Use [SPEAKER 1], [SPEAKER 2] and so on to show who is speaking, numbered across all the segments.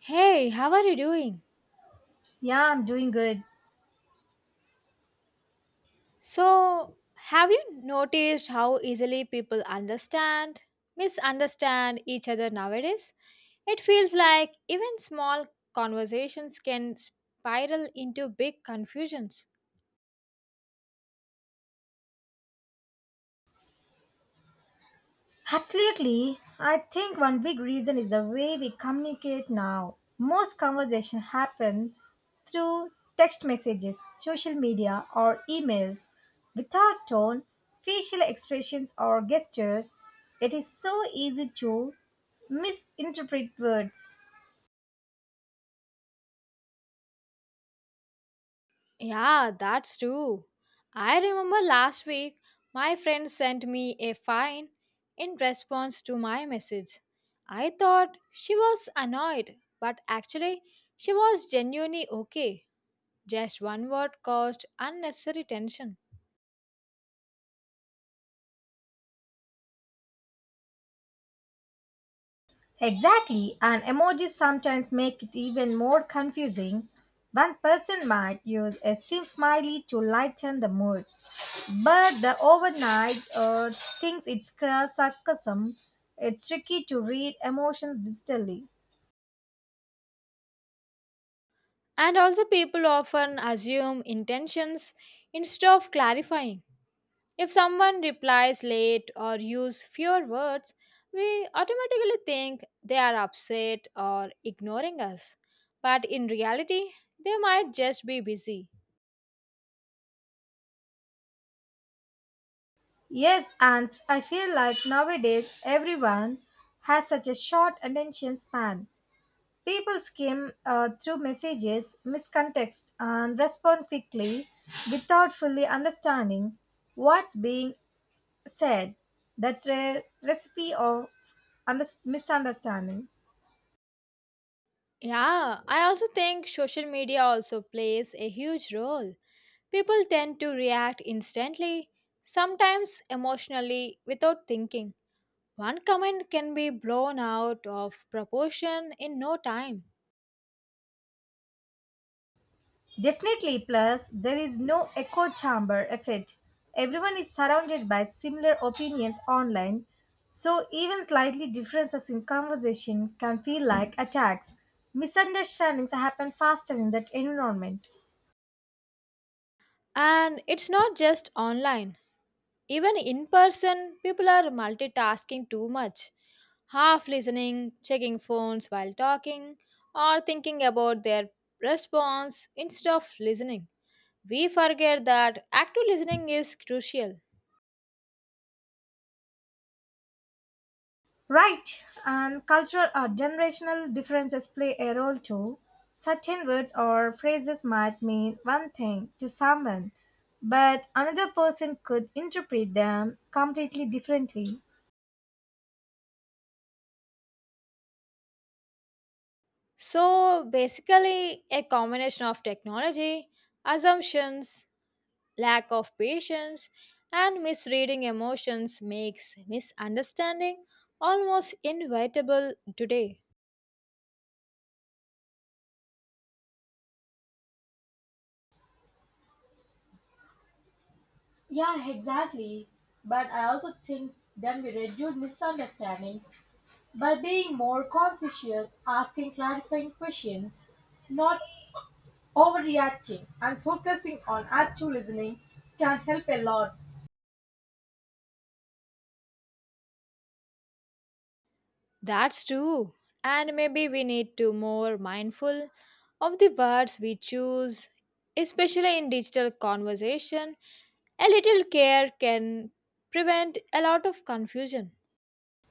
[SPEAKER 1] Hey, how are you doing?
[SPEAKER 2] Yeah, I'm doing good.
[SPEAKER 1] So, have you noticed how easily people misunderstand each other nowadays? It feels like even small conversations can spiral into big confusions.
[SPEAKER 2] Absolutely. I think one big reason is the way we communicate now. Most conversation happen through text messages, social media, or emails. Without tone, facial expressions, or gestures, it is so easy to misinterpret words.
[SPEAKER 1] Yeah, that's true. I remember last week my friend sent me a fine in response to my message. I thought she was annoyed, but actually, she was genuinely okay. Just one word caused unnecessary tension.
[SPEAKER 2] Exactly, and emojis sometimes make it even more confusing. One person might use a sim smiley to lighten the mood, but the overnight thinks it's sarcasm. It's tricky to read emotions digitally.
[SPEAKER 1] And also, people often assume intentions instead of clarifying. If someone replies late or use fewer words, we automatically think they are upset or ignoring us. But in reality, they might just be busy.
[SPEAKER 2] Yes, and I feel like nowadays everyone has such a short attention span. People skim through messages, miss context, and respond quickly without fully understanding what's being said. That's a recipe of misunderstanding.
[SPEAKER 1] Yeah, I also think social media also plays a huge role. People tend to react instantly, sometimes emotionally, without thinking. One comment can be blown out of proportion in no time.
[SPEAKER 2] Definitely, plus, there is no echo chamber effect. Everyone is surrounded by similar opinions online, so even slightly differences in conversation can feel like attacks. Misunderstandings happen faster in that environment.
[SPEAKER 1] And it's not just online. Even in person, people are multitasking too much, half listening, checking phones while talking, or thinking about their response instead of listening. We forget that active listening is crucial.
[SPEAKER 2] Right, and cultural or generational differences play a role too. Certain words or phrases might mean one thing to someone, but another person could interpret them completely differently.
[SPEAKER 1] So, basically, a combination of technology, assumptions, lack of patience and misreading emotions makes misunderstanding almost inevitable today.
[SPEAKER 2] Yeah, exactly. But I also think then we reduce misunderstandings by being more conscientious, asking clarifying questions, not overreacting, and focusing on actual listening can help a lot.
[SPEAKER 1] That's true. And maybe we need to more mindful of the words we choose, especially in digital conversation. A little care can prevent a lot of confusion.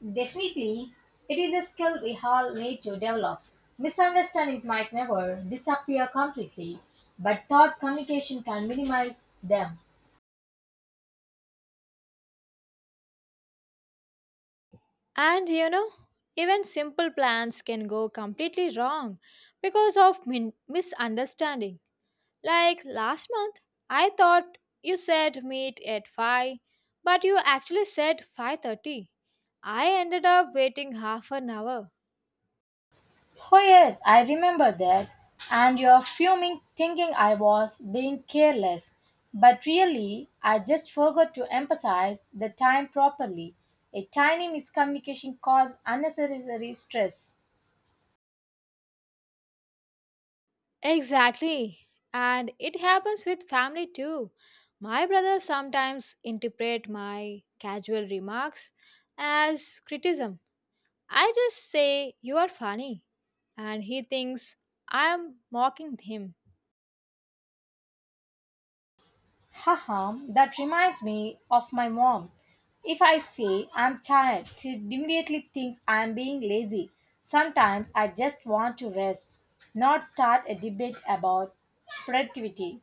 [SPEAKER 2] Definitely, it is a skill we all need to develop. Misunderstandings might never disappear completely, but thought communication can minimize them.
[SPEAKER 1] And you know, even simple plans can go completely wrong because of misunderstanding. Like last month, I thought you said meet at 5, but you actually said 5:30. I ended up waiting half an hour.
[SPEAKER 2] Oh, yes, I remember that. And you're fuming, thinking I was being careless. But really, I just forgot to emphasize the time properly. A tiny miscommunication caused unnecessary stress.
[SPEAKER 1] Exactly. And it happens with family too. My brother sometimes interpret my casual remarks as criticism. I just say you are funny and he thinks I am mocking him.
[SPEAKER 2] Haha, that reminds me of my mom. If I say I'm tired, she immediately thinks I'm being lazy. Sometimes I just want to rest, not start a debate about productivity.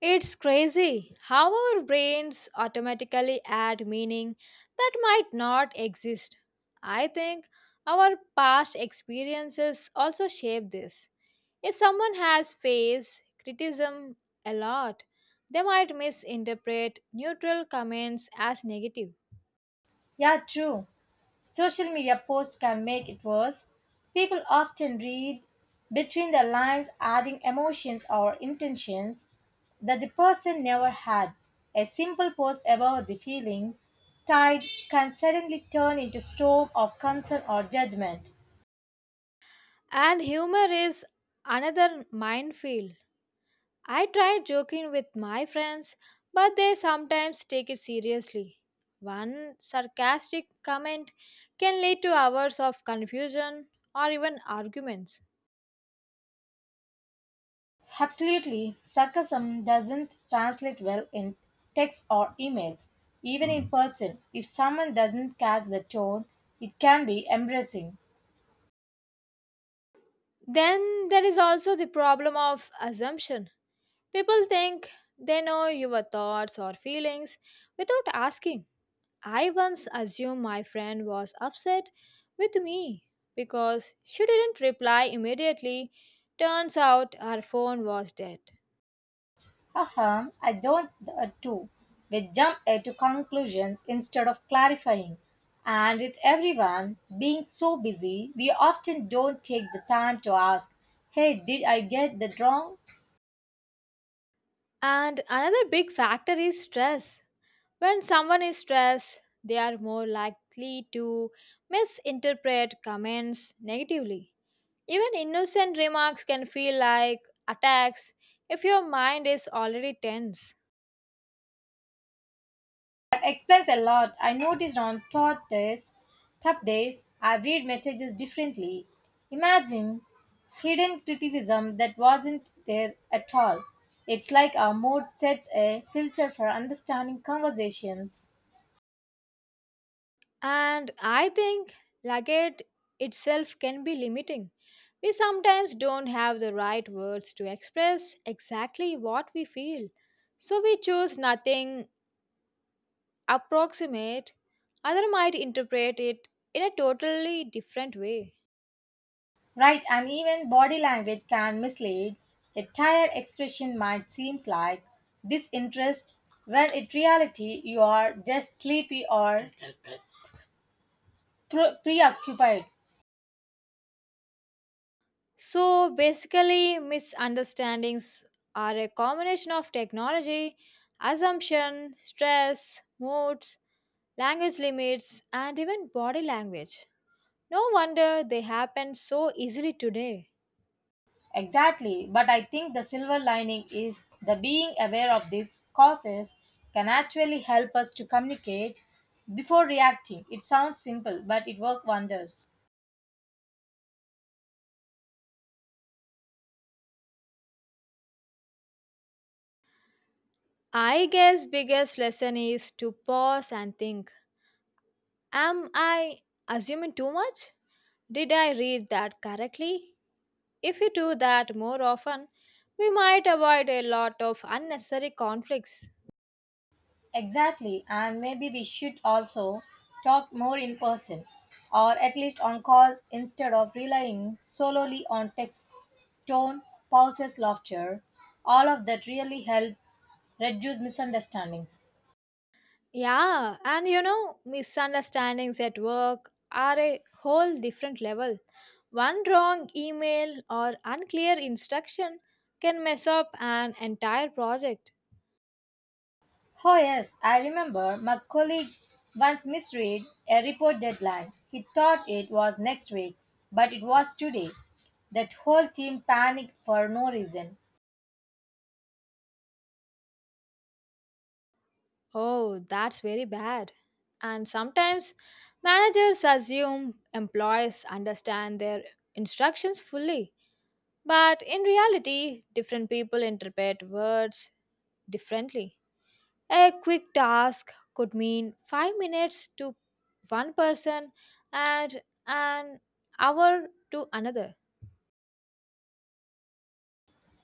[SPEAKER 1] It's crazy how our brains automatically add meaning that might not exist. I think our past experiences also shape this. If someone has faced criticism a lot, they might misinterpret neutral comments as negative.
[SPEAKER 2] Yeah, true. Social media posts can make it worse. People often read between the lines, adding emotions or intentions that the person never had. A simple post about the feeling tide can suddenly turn into storm of concern or judgment.
[SPEAKER 1] And humor is another minefield. I tried joking with my friends, but they sometimes take it seriously. One sarcastic comment can lead to hours of confusion or even arguments.
[SPEAKER 2] Absolutely, sarcasm doesn't translate well in text or emails, even in person. If someone doesn't catch the tone, it can be embarrassing.
[SPEAKER 1] Then there is also the problem of assumption. People think they know your thoughts or feelings without asking. I once assumed my friend was upset with me because she didn't reply immediately. Turns out her phone was dead.
[SPEAKER 2] Uh-huh, I don't too. We jump to conclusions instead of clarifying. And with everyone being so busy, we often don't take the time to ask, hey, did I get that wrong?
[SPEAKER 1] And another big factor is stress. When someone is stressed, they are more likely to misinterpret comments negatively. Even innocent remarks can feel like attacks if your mind is already tense.
[SPEAKER 2] Explains a lot. I noticed on thought days, tough days, I read messages differently. Imagine hidden criticism that wasn't there at all. It's like our mood sets a filter for understanding conversations.
[SPEAKER 1] And I think luggage itself can be limiting. We sometimes don't have the right words to express exactly what we feel. So we choose nothing approximate, other might interpret it in a totally different way.
[SPEAKER 2] Right, and even body language can mislead. A tired expression might seem like disinterest, when in reality you are just sleepy or preoccupied.
[SPEAKER 1] So basically, misunderstandings are a combination of technology, assumption, stress, moods, language limits, and even body language. No wonder they happen so easily today.
[SPEAKER 2] Exactly, but I think the silver lining is the being aware of these causes can actually help us to communicate before reacting. It sounds simple, but it works wonders.
[SPEAKER 1] I guess biggest lesson is to pause and think. Am I assuming too much? Did I read that correctly? If we do that more often, we might avoid a lot of unnecessary conflicts.
[SPEAKER 2] Exactly, and maybe we should also talk more in person or at least on calls instead of relying solely on text, tone, pauses, laughter. All of that really help reduce misunderstandings.
[SPEAKER 1] Yeah, and you know, misunderstandings at work are a whole different level. One wrong email or unclear instruction can mess up an entire project.
[SPEAKER 2] Oh, yes, I remember my colleague once misread a report deadline. He thought it was next week, but it was today. That whole team panicked for no reason.
[SPEAKER 1] Oh, that's very bad. And sometimes managers assume employees understand their instructions fully. But in reality, different people interpret words differently. A quick task could mean 5 minutes to one person and an hour to another.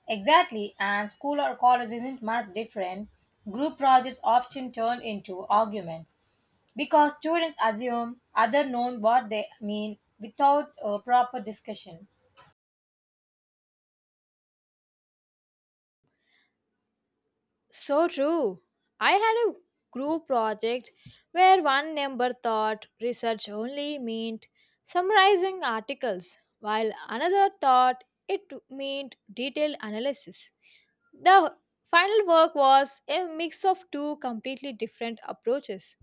[SPEAKER 2] Exactly, and school or college isn't much different. Group projects often turn into arguments because students assume other know what they mean without a proper discussion.
[SPEAKER 1] So true. I had a group project where one member thought research only meant summarizing articles, while another thought it meant detailed analysis. The final work was a mix of two completely different approaches.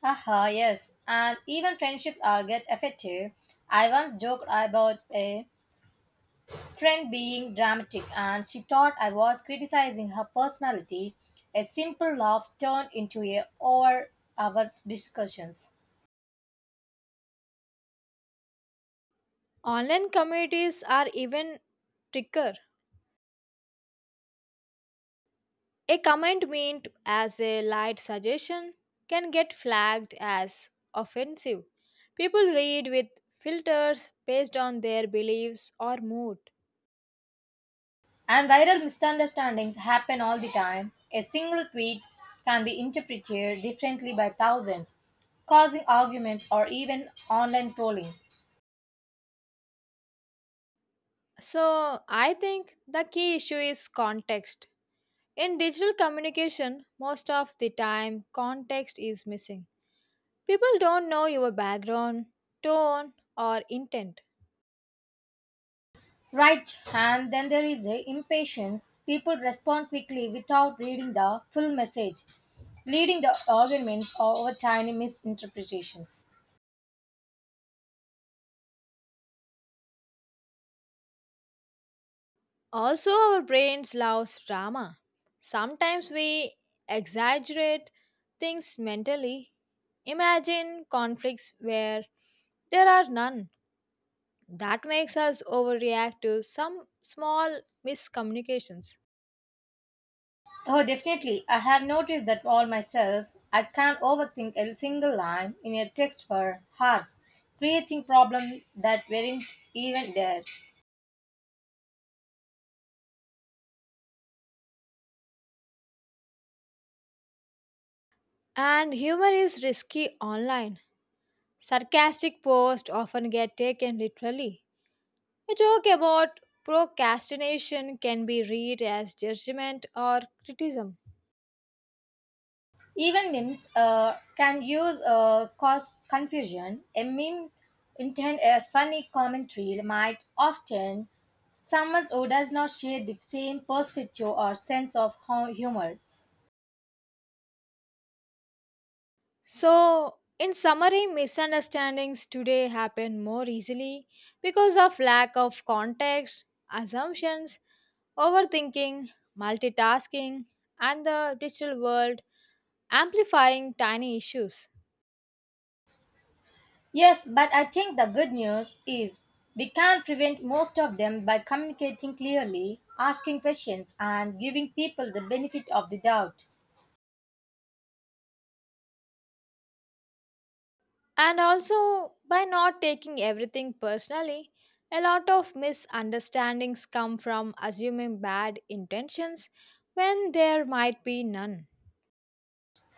[SPEAKER 2] Haha, yes, and even friendships are get affected. I once joked about a friend being dramatic and she thought I was criticizing her personality. A simple laugh turned into a over our discussions.
[SPEAKER 1] Online communities are even tricker. A comment meant as a light suggestion can get flagged as offensive. People read with filters based on their beliefs or mood.
[SPEAKER 2] And viral misunderstandings happen all the time. A single tweet can be interpreted differently by thousands, causing arguments or even online trolling.
[SPEAKER 1] So, I think the key issue is context. In digital communication, most of the time, context is missing. People don't know your background, tone, or intent.
[SPEAKER 2] Right, and then there is a impatience. People respond quickly without reading the full message, leading the arguments over tiny misinterpretations.
[SPEAKER 1] Also, our brains love drama. Sometimes we exaggerate things mentally. Imagine conflicts where there are none. That makes us overreact to some small miscommunications.
[SPEAKER 2] Oh, definitely. I have noticed that all myself. I can't overthink a single line in a text for hours, creating problems that weren't even there.
[SPEAKER 1] And humor is risky online. Sarcastic posts often get taken literally. A joke about procrastination can be read as judgment or criticism.
[SPEAKER 2] Even memes can use cause confusion. A meme intended as funny commentary might often someone who does not share the same perspective or sense of humor.
[SPEAKER 1] So, in summary, misunderstandings today happen more easily because of lack of context, assumptions, overthinking, multitasking, and the digital world amplifying tiny issues.
[SPEAKER 2] Yes, but I think the good news is we can prevent most of them by communicating clearly, asking questions, and giving people the benefit of the doubt.
[SPEAKER 1] And also, by not taking everything personally, a lot of misunderstandings come from assuming bad intentions when there might be none.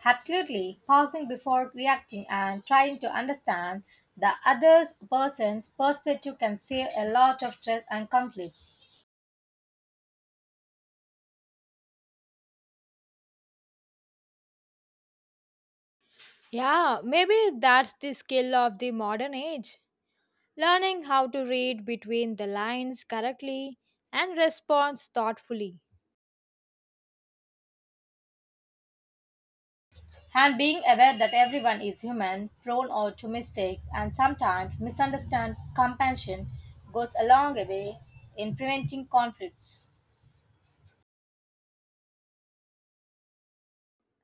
[SPEAKER 2] Absolutely, pausing before reacting and trying to understand the other person's perspective can save a lot of stress and conflict.
[SPEAKER 1] Yeah, maybe that's the skill of the modern age. Learning how to read between the lines correctly and respond thoughtfully.
[SPEAKER 2] And being aware that everyone is human, prone or to mistakes, and sometimes misunderstand compassion goes a long way in preventing conflicts.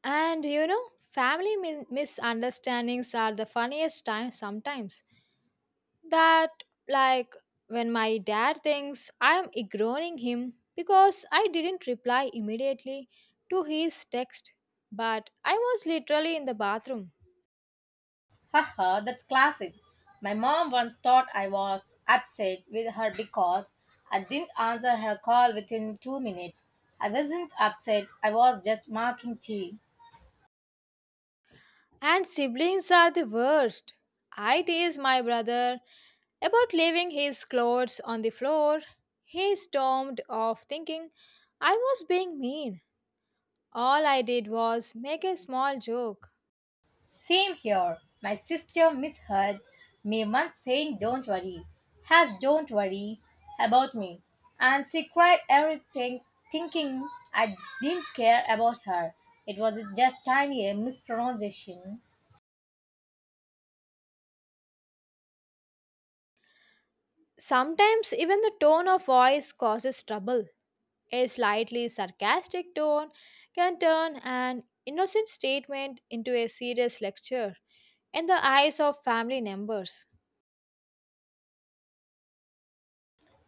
[SPEAKER 1] And you know, family misunderstandings are the funniest time sometimes. That, like, when my dad thinks I'm ignoring him because I didn't reply immediately to his text, but I was literally in the bathroom.
[SPEAKER 2] Haha, that's classic. My mom once thought I was upset with her because I didn't answer her call within 2 minutes. I wasn't upset, I was just marking tea.
[SPEAKER 1] And siblings are the worst. I tease my brother about leaving his clothes on the floor, he stormed off thinking I was being mean. All I did was make a small joke.
[SPEAKER 2] Same here. My sister misheard me once saying, "Don't worry, has don't worry about me." And she cried everything, thinking I didn't care about her. It was just tiny mispronunciation.
[SPEAKER 1] Sometimes even the tone of voice causes trouble. A slightly sarcastic tone can turn an innocent statement into a serious lecture in the eyes of family members.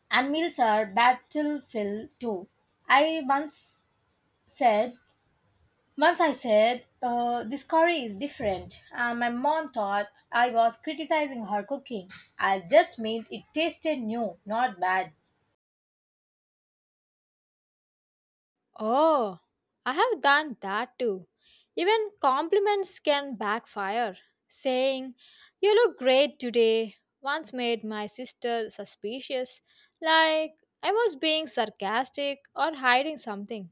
[SPEAKER 2] And meals are battlefield too. I once said, Once I said, this curry is different, and my mom thought I was criticizing her cooking. I just meant it tasted new, not bad.
[SPEAKER 1] Oh, I have done that too. Even compliments can backfire. Saying, "You look great today," once made my sister suspicious, like I was being sarcastic or hiding something.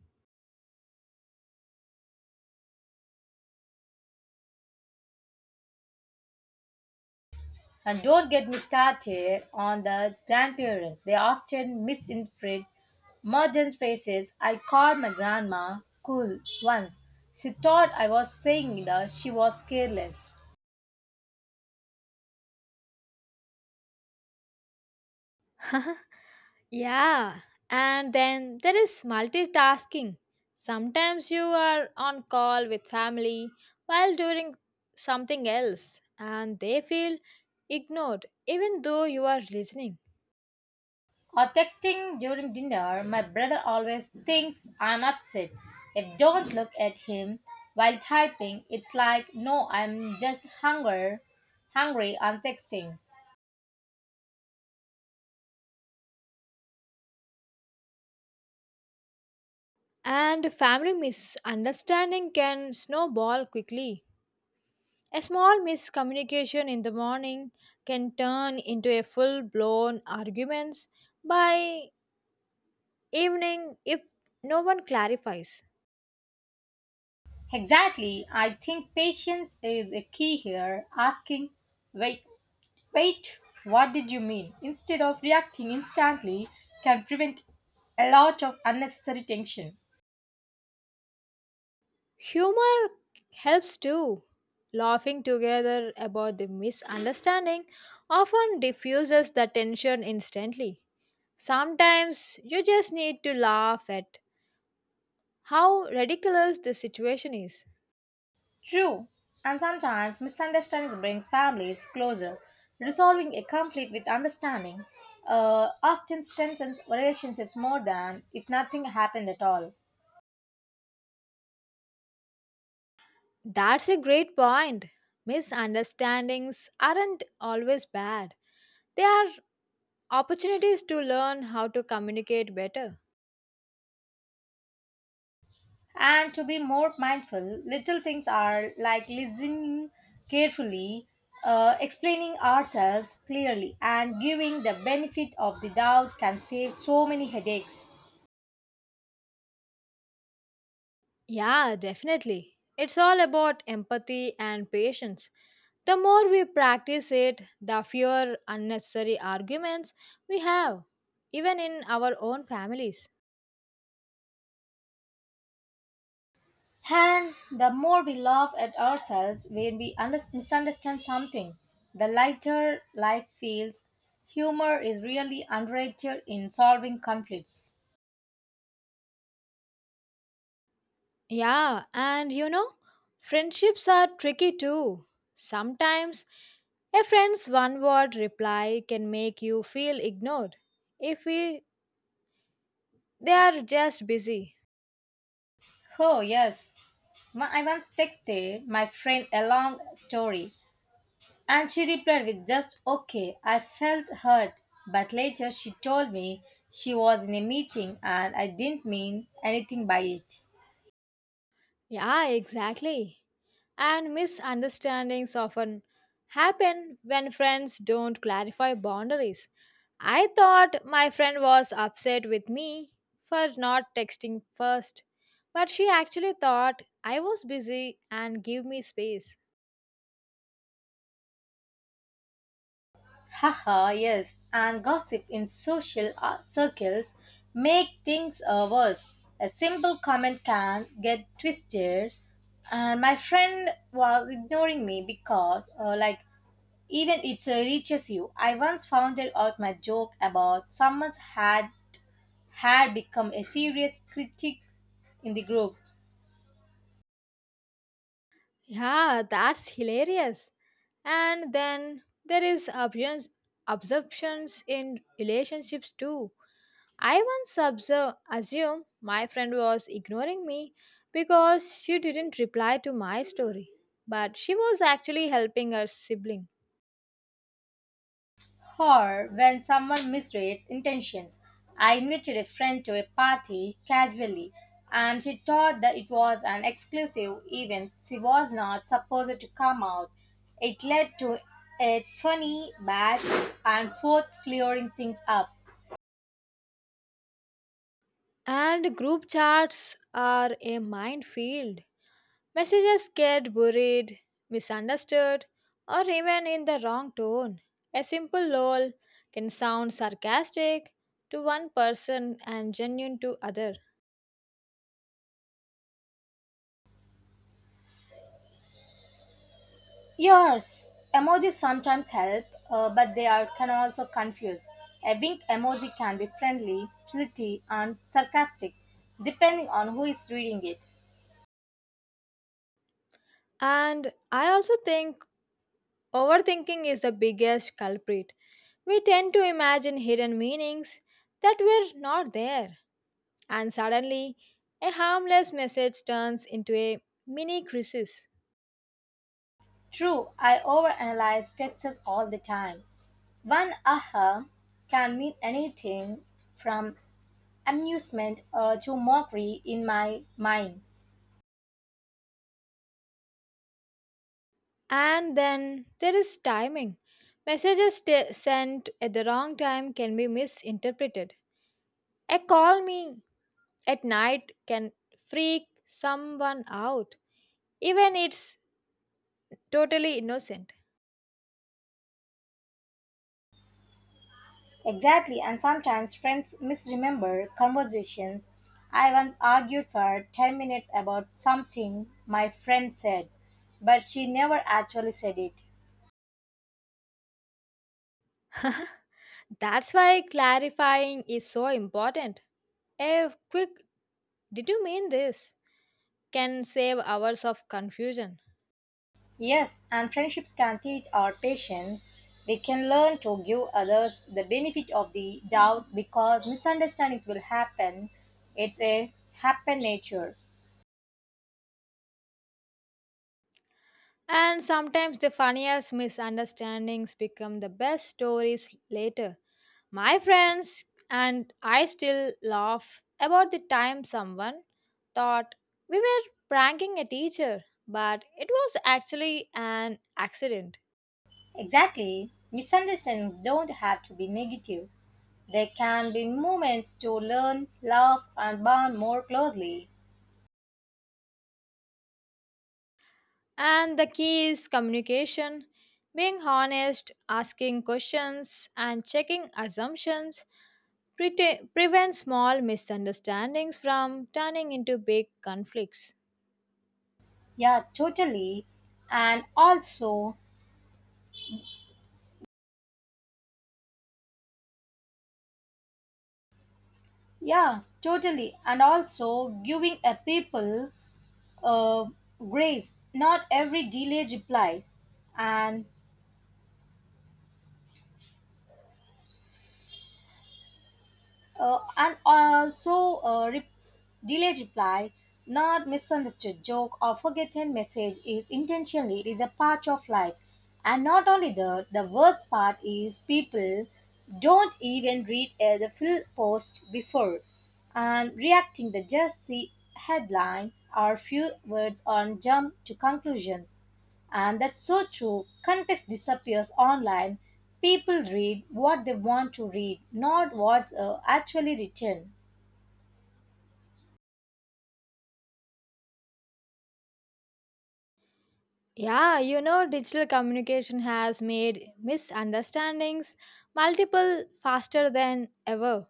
[SPEAKER 2] And don't get me started on the grandparents. They often misinterpret modern phrases. I called my grandma cool once. She thought I was saying that she was careless.
[SPEAKER 1] Yeah, and then there is multitasking. Sometimes you are on call with family while doing something else, and they feel ignored even though you are listening.
[SPEAKER 2] Or texting during dinner, my brother always thinks I'm upset. If don't look at him while typing, it's like no, I'm just hungry. I'm texting.
[SPEAKER 1] And family misunderstanding can snowball quickly. A small miscommunication in the morning can turn into a full blown arguments by evening if no one clarifies.
[SPEAKER 2] Exactly. I think patience is a key here. Asking, wait, wait, what did you mean? Instead of reacting instantly, can prevent a lot of unnecessary tension.
[SPEAKER 1] Humor helps too. Laughing together about the misunderstanding often diffuses the tension instantly. Sometimes you just need to laugh at how ridiculous the situation is.
[SPEAKER 2] True, and sometimes misunderstandings brings families closer. Resolving a conflict with understanding often strengthens relationships more than if nothing happened at all.
[SPEAKER 1] That's a great point. Misunderstandings aren't always bad, they are opportunities to learn how to communicate better.
[SPEAKER 2] And to be more mindful, little things are like listening carefully, explaining ourselves clearly, and giving the benefit of the doubt can save so many headaches.
[SPEAKER 1] Yeah, definitely. It's all about empathy and patience. The more we practice it, the fewer unnecessary arguments we have, even in our own families.
[SPEAKER 2] And the more we laugh at ourselves when we misunderstand something, the lighter life feels. Humor is really underrated in solving conflicts.
[SPEAKER 1] Yeah, and you know, friendships are tricky too. Sometimes a friend's one word reply can make you feel ignored if they are just busy.
[SPEAKER 2] Oh, yes. I once texted my friend a long story and she replied with just okay. I felt hurt, but later she told me she was in a meeting and I didn't mean anything by it.
[SPEAKER 1] Yeah, exactly. And misunderstandings often happen when friends don't clarify boundaries. I thought my friend was upset with me for not texting first, but she actually thought I was busy and give me space.
[SPEAKER 2] Haha, yes, and gossip in social circles make things worse. A simple comment can get twisted, and my friend was ignoring me because, even it reaches you. I once found out my joke about someone's had become a serious critic in the group.
[SPEAKER 1] Yeah, that's hilarious. And then there is absorptions in relationships too. I once assume my friend was ignoring me because she didn't reply to my story, but she was actually helping her sibling.
[SPEAKER 2] Or when someone misreads intentions. I invited a friend to a party casually and she thought that it was an exclusive event she was not supposed to come out. It led to a funny back and forth clearing things up.
[SPEAKER 1] And group chats are a minefield. Messages get buried, misunderstood, or even in the wrong tone. A simple lol can sound sarcastic to one person and genuine to other.
[SPEAKER 2] Yes, emojis sometimes help, but they are can also confuse. A wink emoji can be friendly, flirty, and sarcastic, depending on who is reading it.
[SPEAKER 1] And I also think overthinking is the biggest culprit. We tend to imagine hidden meanings that were not there, and suddenly a harmless message turns into a mini crisis.
[SPEAKER 2] True, I overanalyze texts all the time. One aha can mean anything from amusement to mockery in my mind.
[SPEAKER 1] And then there is timing. Sent at the wrong time can be misinterpreted. A call me at night can freak someone out, even it's totally innocent.
[SPEAKER 2] Exactly, and sometimes friends misremember conversations. I once argued for 10 minutes about something my friend said, but she never actually said it.
[SPEAKER 1] That's why clarifying is so important. A quick, "Did you mean this?" can save hours of confusion.
[SPEAKER 2] Yes, and friendships can teach our patience. They can learn to give others the benefit of the doubt because misunderstandings will happen. It's a happen nature.
[SPEAKER 1] And sometimes the funniest misunderstandings become the best stories later. My friends and I still laugh about the time someone thought we were pranking a teacher, but it was actually an accident.
[SPEAKER 2] Exactly. Misunderstandings don't have to be negative. They can be moments to learn, love, and bond more closely.
[SPEAKER 1] And the key is communication, being honest, asking questions, and checking assumptions prevent small misunderstandings from turning into big conflicts.
[SPEAKER 2] Yeah, totally. And also, Yeah, totally. And also giving a people uh, grace, not every delayed reply. And Uh, and also uh, re- Delayed reply, not misunderstood joke or forgotten message is intentionally it is a part of life. And not only that, the worst part is people don't even read the full post before and reacting they just see headline or few words and jump to conclusions. And that's so true. Context disappears online. People read what they want to read, not what's actually written.
[SPEAKER 1] Yeah, you know, digital communication has made misunderstandings multiple faster than ever.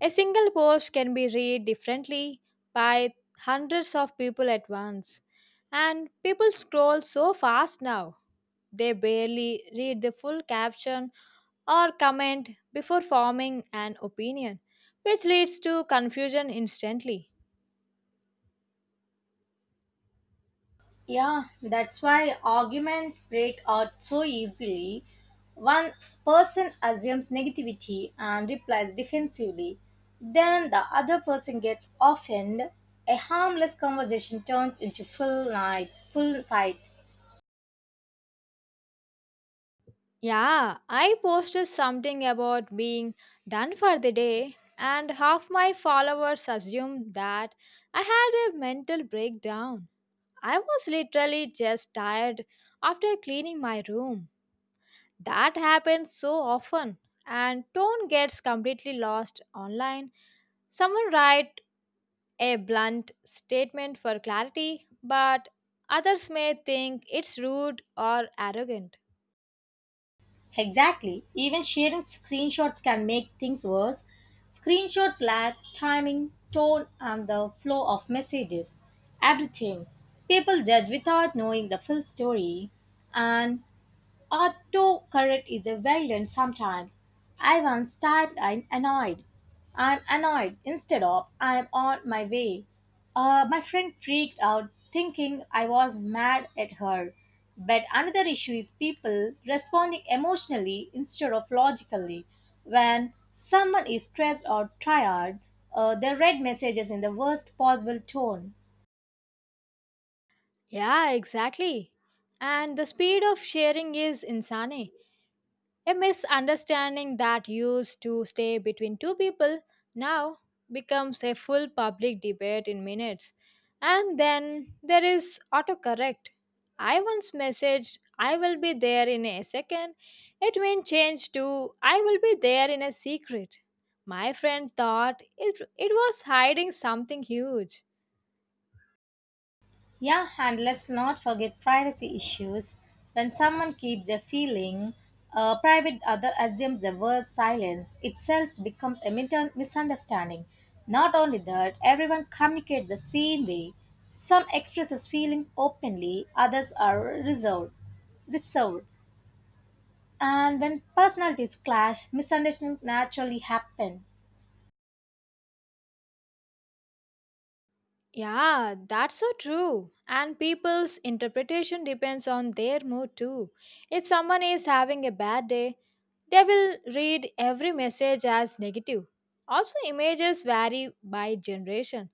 [SPEAKER 1] A single post can be read differently by hundreds of people at once. And people scroll so fast now, they barely read the full caption or comment before forming an opinion, which leads to confusion instantly.
[SPEAKER 2] Yeah, that's why arguments break out so easily. One person assumes negativity and replies defensively. Then the other person gets offended. A harmless conversation turns into full fight.
[SPEAKER 1] Yeah, I posted something about being done for the day, and half my followers assumed that I had a mental breakdown. I was literally just tired after cleaning my room. That happens so often, and tone gets completely lost online. Someone write a blunt statement for clarity, but others may think it's rude or arrogant.
[SPEAKER 2] Exactly. Even sharing screenshots can make things worse. Screenshots lack timing, tone, and the flow of messages. Everything. People judge without knowing the full story, and autocorrect is a villain sometimes. I once typed I'm annoyed. I'm annoyed instead of I'm on my way. My friend freaked out thinking I was mad at her. But another issue is people responding emotionally instead of logically. When someone is stressed or tired, they read messages in the worst possible tone.
[SPEAKER 1] Yeah, exactly. And the speed of sharing is insane. A misunderstanding that used to stay between two people now becomes a full public debate in minutes. And then there is autocorrect. I once messaged, "I will be there in a second." It went changed to, "I will be there in a secret." My friend thought it was hiding something huge.
[SPEAKER 2] Yeah, and let's not forget privacy issues. When someone keeps their feeling private, other assumes the word silence itself becomes a misunderstanding. Not only that, everyone communicates the same way. Some expresses feelings openly, others are reserved. And when personalities clash, misunderstandings naturally happen.
[SPEAKER 1] Yeah, that's so true. And people's interpretation depends on their mood too. If someone is having a bad day, they will read every message as negative. Also, images vary by generation.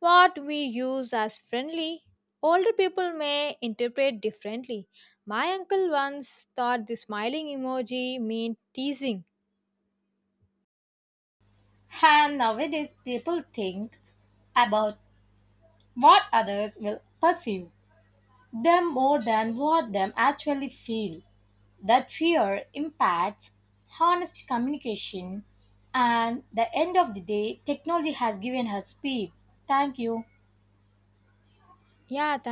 [SPEAKER 1] What we use as friendly, older people may interpret differently. My uncle once thought the smiling emoji meant teasing.
[SPEAKER 2] And nowadays, people think about what others will perceive them more than what them actually feel. That fear impacts honest communication and the end of the day technology has given her speed. Thank you.
[SPEAKER 1] Yeah,